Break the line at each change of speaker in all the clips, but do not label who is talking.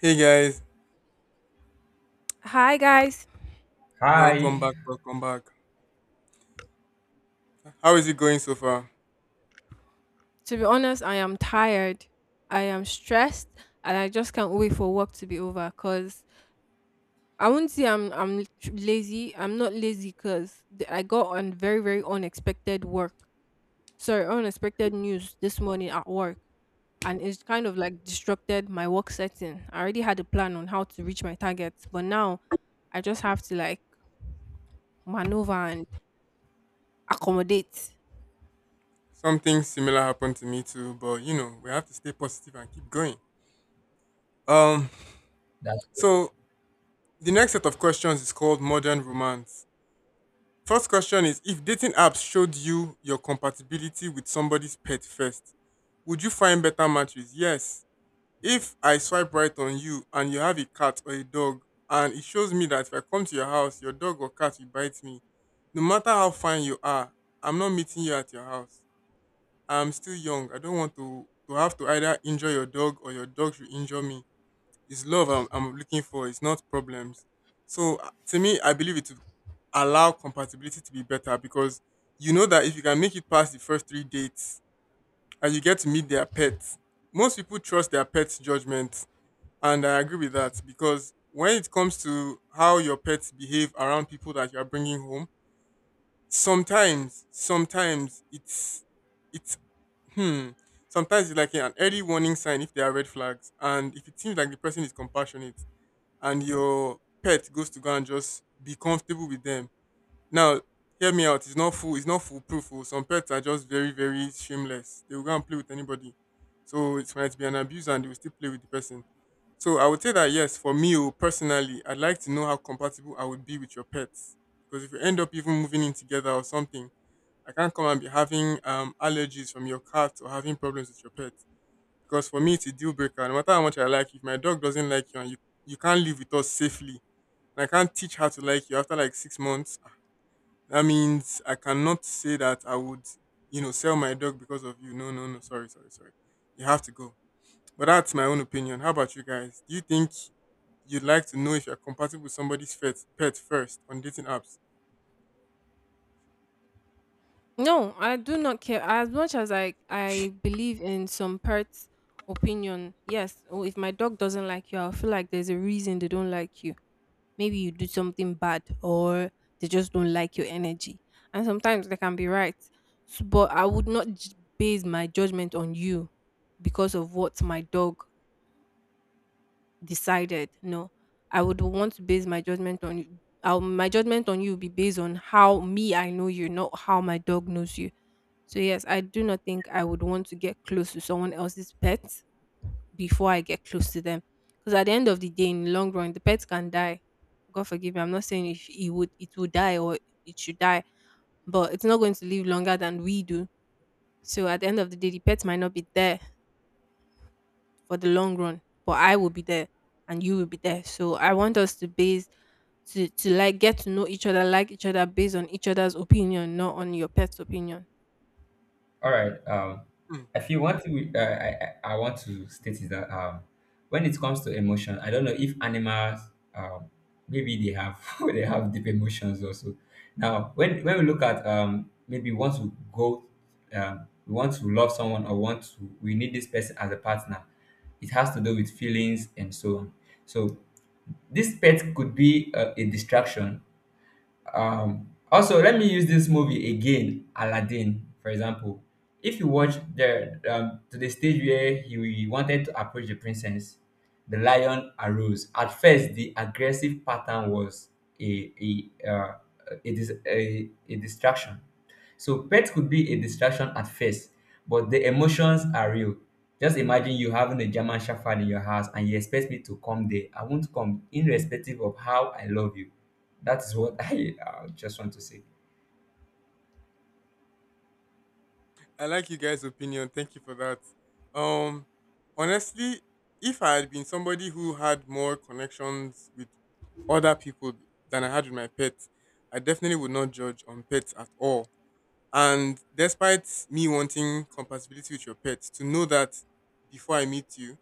Hey guys,
Hi guys.
welcome
Hi,
back, welcome back. How is it going so far?
To be honest, I am tired. I am stressed and I just can't wait for work to be over cuz I wouldn't say I'm tr- lazy. I'm not lazy cuz I got on very very unexpected work. Sorry, unexpected news this morning at work, and it's kind of like disrupted my work setting. I already had a plan on how to reach my targets, but now I just have to like maneuver and accommodate.
Something similar happened to me too, but you know, we have to stay positive and keep going. Um,
that's good.
so the next set of questions is called modern romance. First question is if dating apps showed you your compatibility with somebody's pet first, would you find better matches? Yes. If I swipe right on you and you have a cat or a dog, and it shows me that if I come to your house, your dog or cat will bite me, no matter how fine you are, I'm not meeting you at your house. I'm still young. I don't want to have to either injure your dog or your dog should injure me. It's love I'm looking for, it's not problems. So to me, I believe it will allow compatibility to be better because you know that if you can make it past the first three dates and you get to meet their pets, most people trust their pets' judgment and I agree with that because when it comes to how your pets behave around people that you are bringing home, sometimes, sometimes it's, it's, hmm, sometimes it's like an early warning sign if there are red flags. And if it seems like the person is compassionate and your pet goes to go and just be comfortable with them. Now, hear me out. It's not foolproof. Oh. Some pets are just very, very shameless. They will go and play with anybody. So it might be an abuse and they will still play with the person, so I would say that yes, for me oh, personally, I'd like to know how compatible I would be with your pets. Because if you end up even moving in together or something, I can't come and be having allergies from your cat or having problems with your pet. Because for me, it's a deal breaker. No matter how much I like you, if my dog doesn't like you and you, you can't live with us safely, and I can't teach her to like you after like six months, ah, that means I cannot say that I would, you know, sell my dog because of you. No, no, no. Sorry, sorry, sorry. You have to go. But that's my own opinion. How about you guys? Do you think you'd like to know if you're compatible with somebody's pet first on dating apps?
No, I do not care. As much as I believe in some parts opinion, yes. Oh, if my dog doesn't like you, I feel like there's a reason they don't like you. Maybe you do something bad, or they just don't like your energy. And sometimes they can be right. So, but I would not j- base my judgment on you because of what my dog decided. No, I would want to base my judgment on you. My judgment on you will be based on how me I know you, not how my dog knows you. So yes, I do not think I would want to get close to someone else's pet before I get close to them. Because at the end of the day, in the long run, the pet can die. God forgive me. I'm not saying if it would die or it should die, but it's not going to live longer than we do. So at the end of the day, the pet might not be there for the long run. But I will be there and you will be there. So I want us to like get to know each other, like each other based on each other's opinion, not on your pet's opinion.
All right.
Hmm.
I feel one thing I want to state is that when it comes to emotion, I don't know if animals um, maybe they have they have deep emotions also. Now, when we look at maybe want to go, we want to love someone or want to we need this person as a partner. It has to do with feelings and so on. So this pet could be a distraction. Also, let me use this movie again, Aladdin, for example. If you watch the to the stage where he wanted to approach the princess, the lion arose. At first, the aggressive pattern was a a uh, a distraction. So pets could be a distraction at first, but the emotions are real. Just imagine you having a German Shepherd in your house and you expect me to come there. I won't come, irrespective of how I love you. That is what I just want to say.
I like you guys' opinion. Thank you for that. Um, Honestly, if I had been somebody who had more connections with other people than I had with my pet, I definitely would not judge on pets at all. And despite me wanting compatibility with your pet, to know that before I meet you,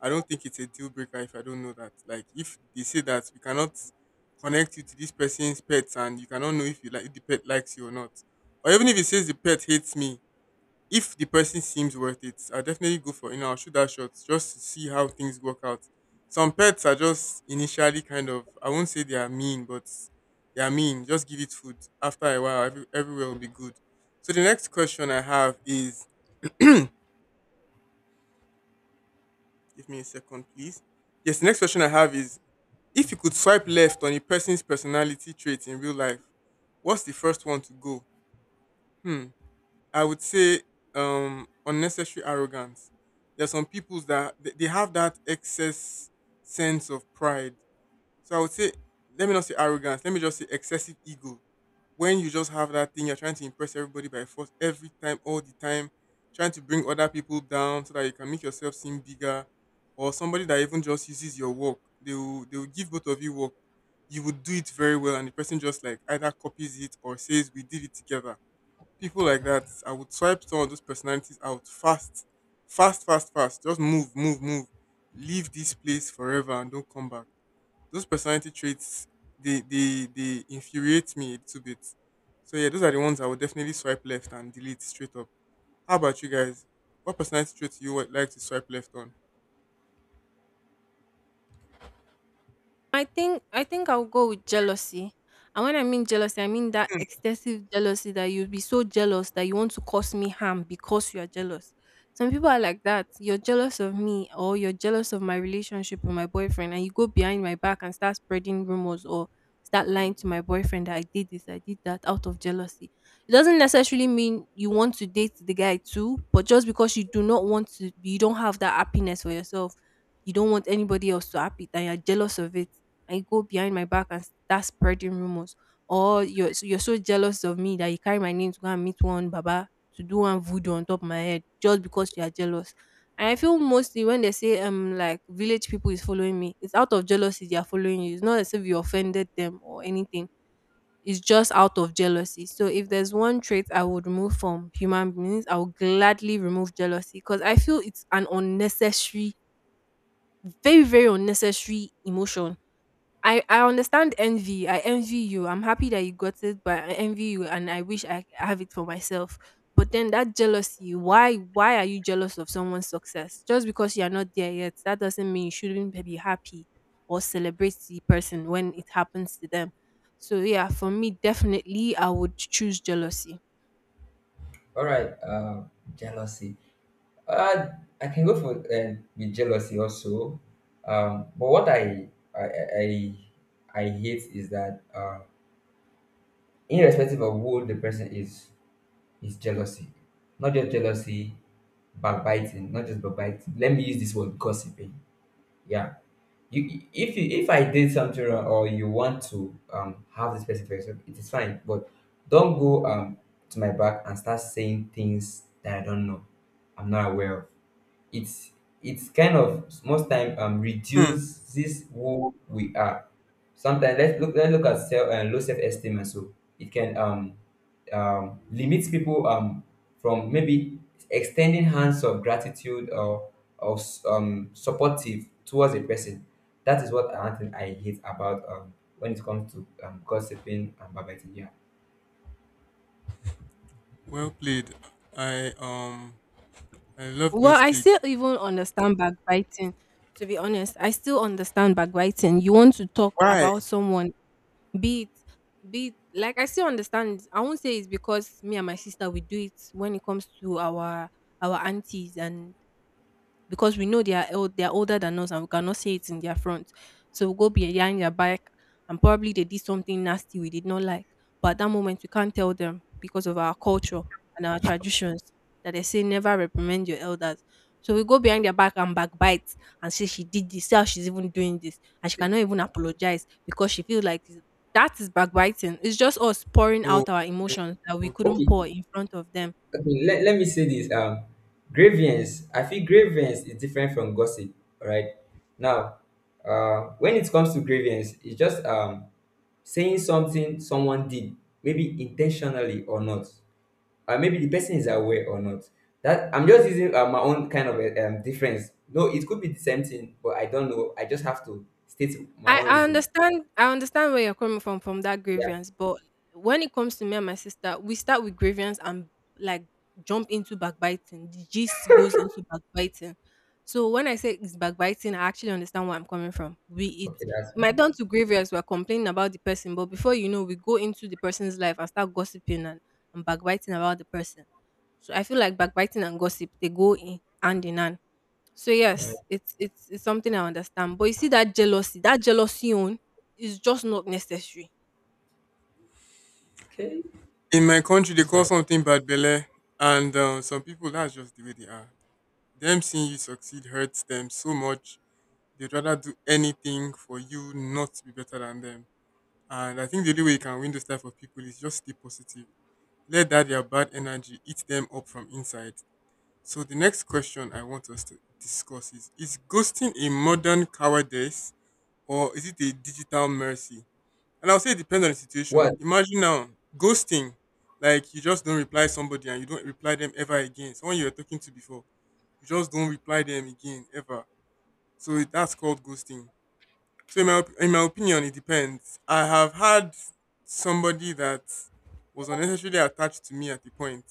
I don't think it's a deal breaker if I don't know that. Like if they say that we cannot connect you to this person's pet, and you cannot know if you like if the pet likes you or not. Or even if it says the pet hates me, if the person seems worth it, I definitely go for you know I'll shoot that shot just to see how things work out. Some pets are just initially kind of I won't say they are mean, but they are mean. Just give it food. After a while, everywhere will be good. So the next question I have is give me a second, please. Yes, the next question I have is if you could swipe left on a person's personality trait in real life, what's the first one to go? Hmm. I would say unnecessary arrogance. There's some peoples that they have that excess sense of pride. So I would say let me not say arrogance, let me just say excessive ego. When you just have that thing, you're trying to impress everybody by force every time, all the time, trying to bring other people down so that you can make yourself seem bigger, or somebody that even just uses your work. They will give both of you work. You would do it very well, and the person just like either copies it or says we did it together, people like that, I would swipe some of those personalities out fast, fast, fast, fast. Just move, move, move. Leave this place forever and don't come back. Those personality traits, they infuriate me a little bit. So yeah, those are the ones I would definitely swipe left and delete straight up. How about you guys? What personality traits do you would like to swipe left on?
I think I'll go with jealousy. And when I mean jealousy, I mean that excessive jealousy that you'll be so jealous that you want to cause me harm because you are jealous. Some people are like that. You're jealous of me, or you're jealous of my relationship with my boyfriend, and you go behind my back and start spreading rumors or start lying to my boyfriend that I did this, I did that out of jealousy. It doesn't necessarily mean you want to date the guy too, but just because you do not want to you don't have that happiness for yourself, you don't want anybody else to happy and you're jealous of it, and you go behind my back and start spreading rumors. Or you're so jealous of me that you carry my name to go and meet one baba to do one voodoo on top of my head just because you are jealous. And I feel mostly when they say like village people is following me, it's out of jealousy they are following you. It's not as if you offended them or anything. It's just out of jealousy. So if there's one trait I would remove from human beings, I would gladly remove jealousy because I feel it's an unnecessary, very very unnecessary emotion. I understand envy. I envy you. I'm happy that you got it, but I envy you, and I wish I have it for myself. But then that jealousy. Why are you jealous of someone's success? Just because you are not there yet, that doesn't mean you shouldn't be happy or celebrate the person when it happens to them. So yeah, for me, definitely, I would choose jealousy.
All right, jealousy. Uh, I can go for with jealousy also. But what I I, I hate is that irrespective of who the person is jealousy. Not just jealousy, backbiting. Not just backbiting. Let me use this word gossiping. Yeah, you, if I did something wrong or you want to have this person for yourself it is fine, but don't go to my back and start saying things that I don't know, I'm not aware of. it's it's kind of most time
Hmm.
reduces who we are sometimes. Let's look at self low self-esteem and so it can um limits people from maybe extending hands of gratitude or or supportive towards a person. That is what I think I hate about when it comes to gossiping and backbiting. Yeah.
Well played. I um I love
Well,
those
I
things.
still even understand backbiting. To be honest, I still understand backbiting. You want to talk
Why?
about someone, be it, like I still understand. I won't say it's because me and my sister we do it when it comes to our aunties and because we know they are old, they are older than us and we cannot see it in their front. So we'll go behind their back and probably they did something nasty we did not like. But at that moment we can't tell them because of our culture and our traditions that they say never reprimand your elders. So we go behind their back and backbite and say she did this, see how she's even doing this, and she
See,
cannot even apologize because she feels like that is backbiting. It's just us pouring
Oh,
out our
okay,
emotions that we
okay,
couldn't
okay,
pour
okay.
in front of them.
okay. Let me say this. Grievance. I feel grievance is different from gossip. All right. Now, when it comes to grievance, it's just saying something someone did, maybe intentionally or not. Maybe the person is aware or not. That I'm just using my own kind of a, difference. No, it could be the same thing, but I don't know. I just have to state my
I,
own
I
reason.
understand, I understand where you're coming from that
Yeah,
grievance, but when it comes to me and my sister, we start with grievance and like jump into backbiting. The gist goes into backbiting. So when I say it's backbiting, I actually understand where I'm coming from. We it
okay, that's
it might
fine.
turn to grievance, we're complaining about the person, but before you know, we go into the person's life and start gossiping and backbiting about the person. So I feel like backbiting and gossip they go in hand in hand. So
All right.
yes, it's something I understand. But you see that jealousy on is just not necessary.
Okay,
In my country, they
that's
call
fine.
something bad belle, and some people that's just the way they are. Them seeing you succeed hurts them so much. They'd rather do anything for you not to be better than them. And I think the only way you can win those type of people is just stay positive. Let that their bad energy eat them up from inside. So the next question I want us to discuss is: is ghosting a modern cowardice or is it a digital mercy? And I'll say it depends on the situation.
What?
Imagine now ghosting, like you just don't reply somebody and you don't reply them ever again. Someone you were talking to before, you just don't reply them again ever. So it- that's called ghosting. So in my op- in my opinion, it depends. I have had somebody that was unnecessarily attached to me at the point,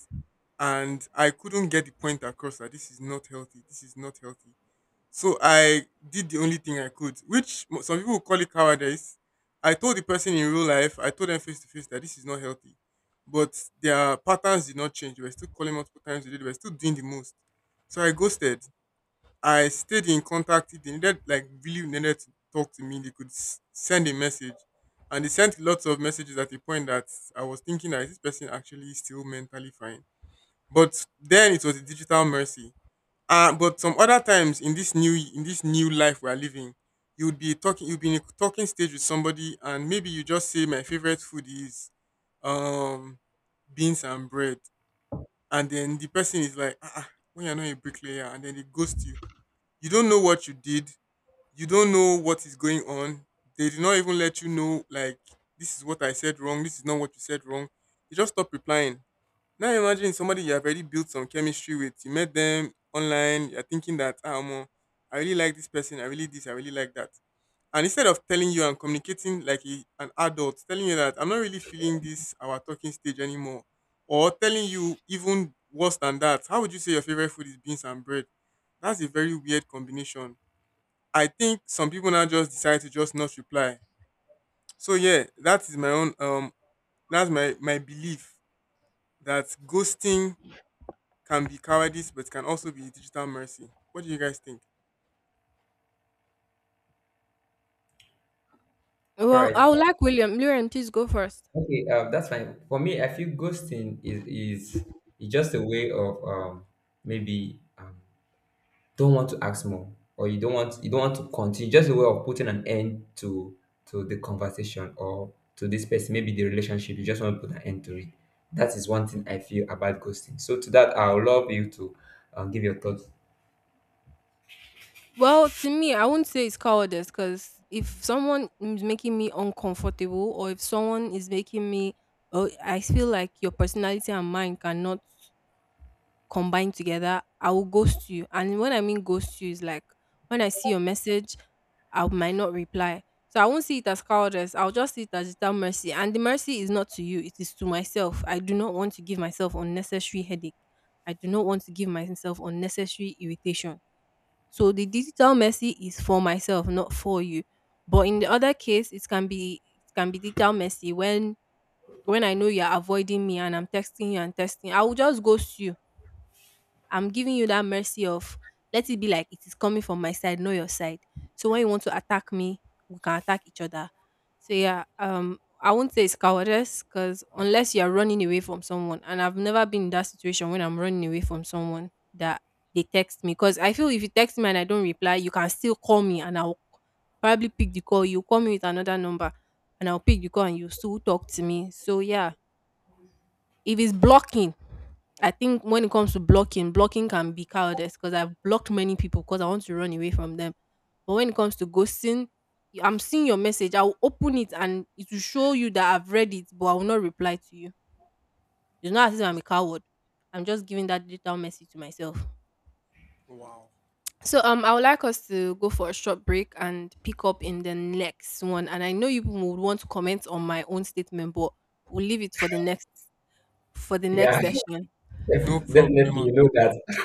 and I couldn't get the point across that this is not healthy. This is not healthy. So I did the only thing I could, which mo- some people would call it cowardice. I told the person in real life, I told them face to face that this is not healthy. But their patterns did not change. They were still calling multiple times a day. They were still doing the most. So I ghosted. I stayed in contact. If they needed, like, really needed to talk to me. They could s- send a message. And they sent lots of messages at a point that I was thinking that is this person actually still mentally fine? But then it was a digital mercy, but some other times in this new life we are living, you would be talking you'd be in a talking stage with somebody and maybe you just say my favorite food is um beans and bread and then the person is like ah, ah, when you're not a bricklayer and then they ghost you. You don't know what you did, you don't know what is going on. They did not even let you know like this is what I said wrong, this is not what you said wrong. They just stop replying, now imagine somebody you have already built some chemistry with. You met them online. You're thinking that, ah, omo, I really like this person. I really this. I really like that. And instead of telling you and communicating like a, an adult, telling you that I'm not really feeling this our talking stage anymore, or telling you even worse than that, how would you say your favorite food is beans and bread? That's a very weird combination. I think some people now just decide to just not reply. So yeah, that is my own that's my belief that ghosting can be cowardice, but can also be digital mercy. What do you guys think?
All
Well,
right.
I would like William. William, please go first.
Okay, that's fine. For me, I feel ghosting is just a way of maybe don't want to ask more, or you don't want to continue. Just a way of putting an end to the conversation or to this person, maybe the relationship. You just want to put an end to it. That is one thing I feel about ghosting. So to that, I would love you to give your thoughts.
Well, to me, I wouldn't say it's cowardice because if someone is making me uncomfortable, or if someone is making me, oh, I feel like your personality and mine cannot combined together, I will ghost you. And when I mean ghost you is like when I see your message, I might not reply. So I won't see it as cowardice. I'll just see it as that mercy. And the mercy is not to you, it is to myself. I do not want to give myself unnecessary headache. I do not want to give myself unnecessary irritation. So the digital mercy is for myself, not for you. But in the other case, it can be digital mercy when I know you're avoiding me and I'm texting you and texting, I will just ghost you. I'm giving you that mercy of let it be like it is coming from my side, not your side. So when you want to attack me, we can attack each other. So yeah, I won't say it's cowardice because unless you are running away from someone, and I've never been in that situation when I'm running away from someone that they text me because I feel if you text me and I don't reply, you can still call me and I'll probably pick the call. You call me with another number and I'll pick the call and you still talk to me. So yeah, if it's blocking, I think when it comes to blocking, blocking can be cowardice because I've blocked many people because I want to run away from them. But when it comes to I'm seeing your message. I will open it and it will show you that I've read it, but I will not reply to you. It's not as if I'm a coward. I'm just giving that digital message to myself.
Wow.
So I would like us to go for a short break and pick up in the next one. And I know you people would want to comment on my own statement, but we'll leave it for the
Yeah,
next session.
No
definitely.
problem.
You know that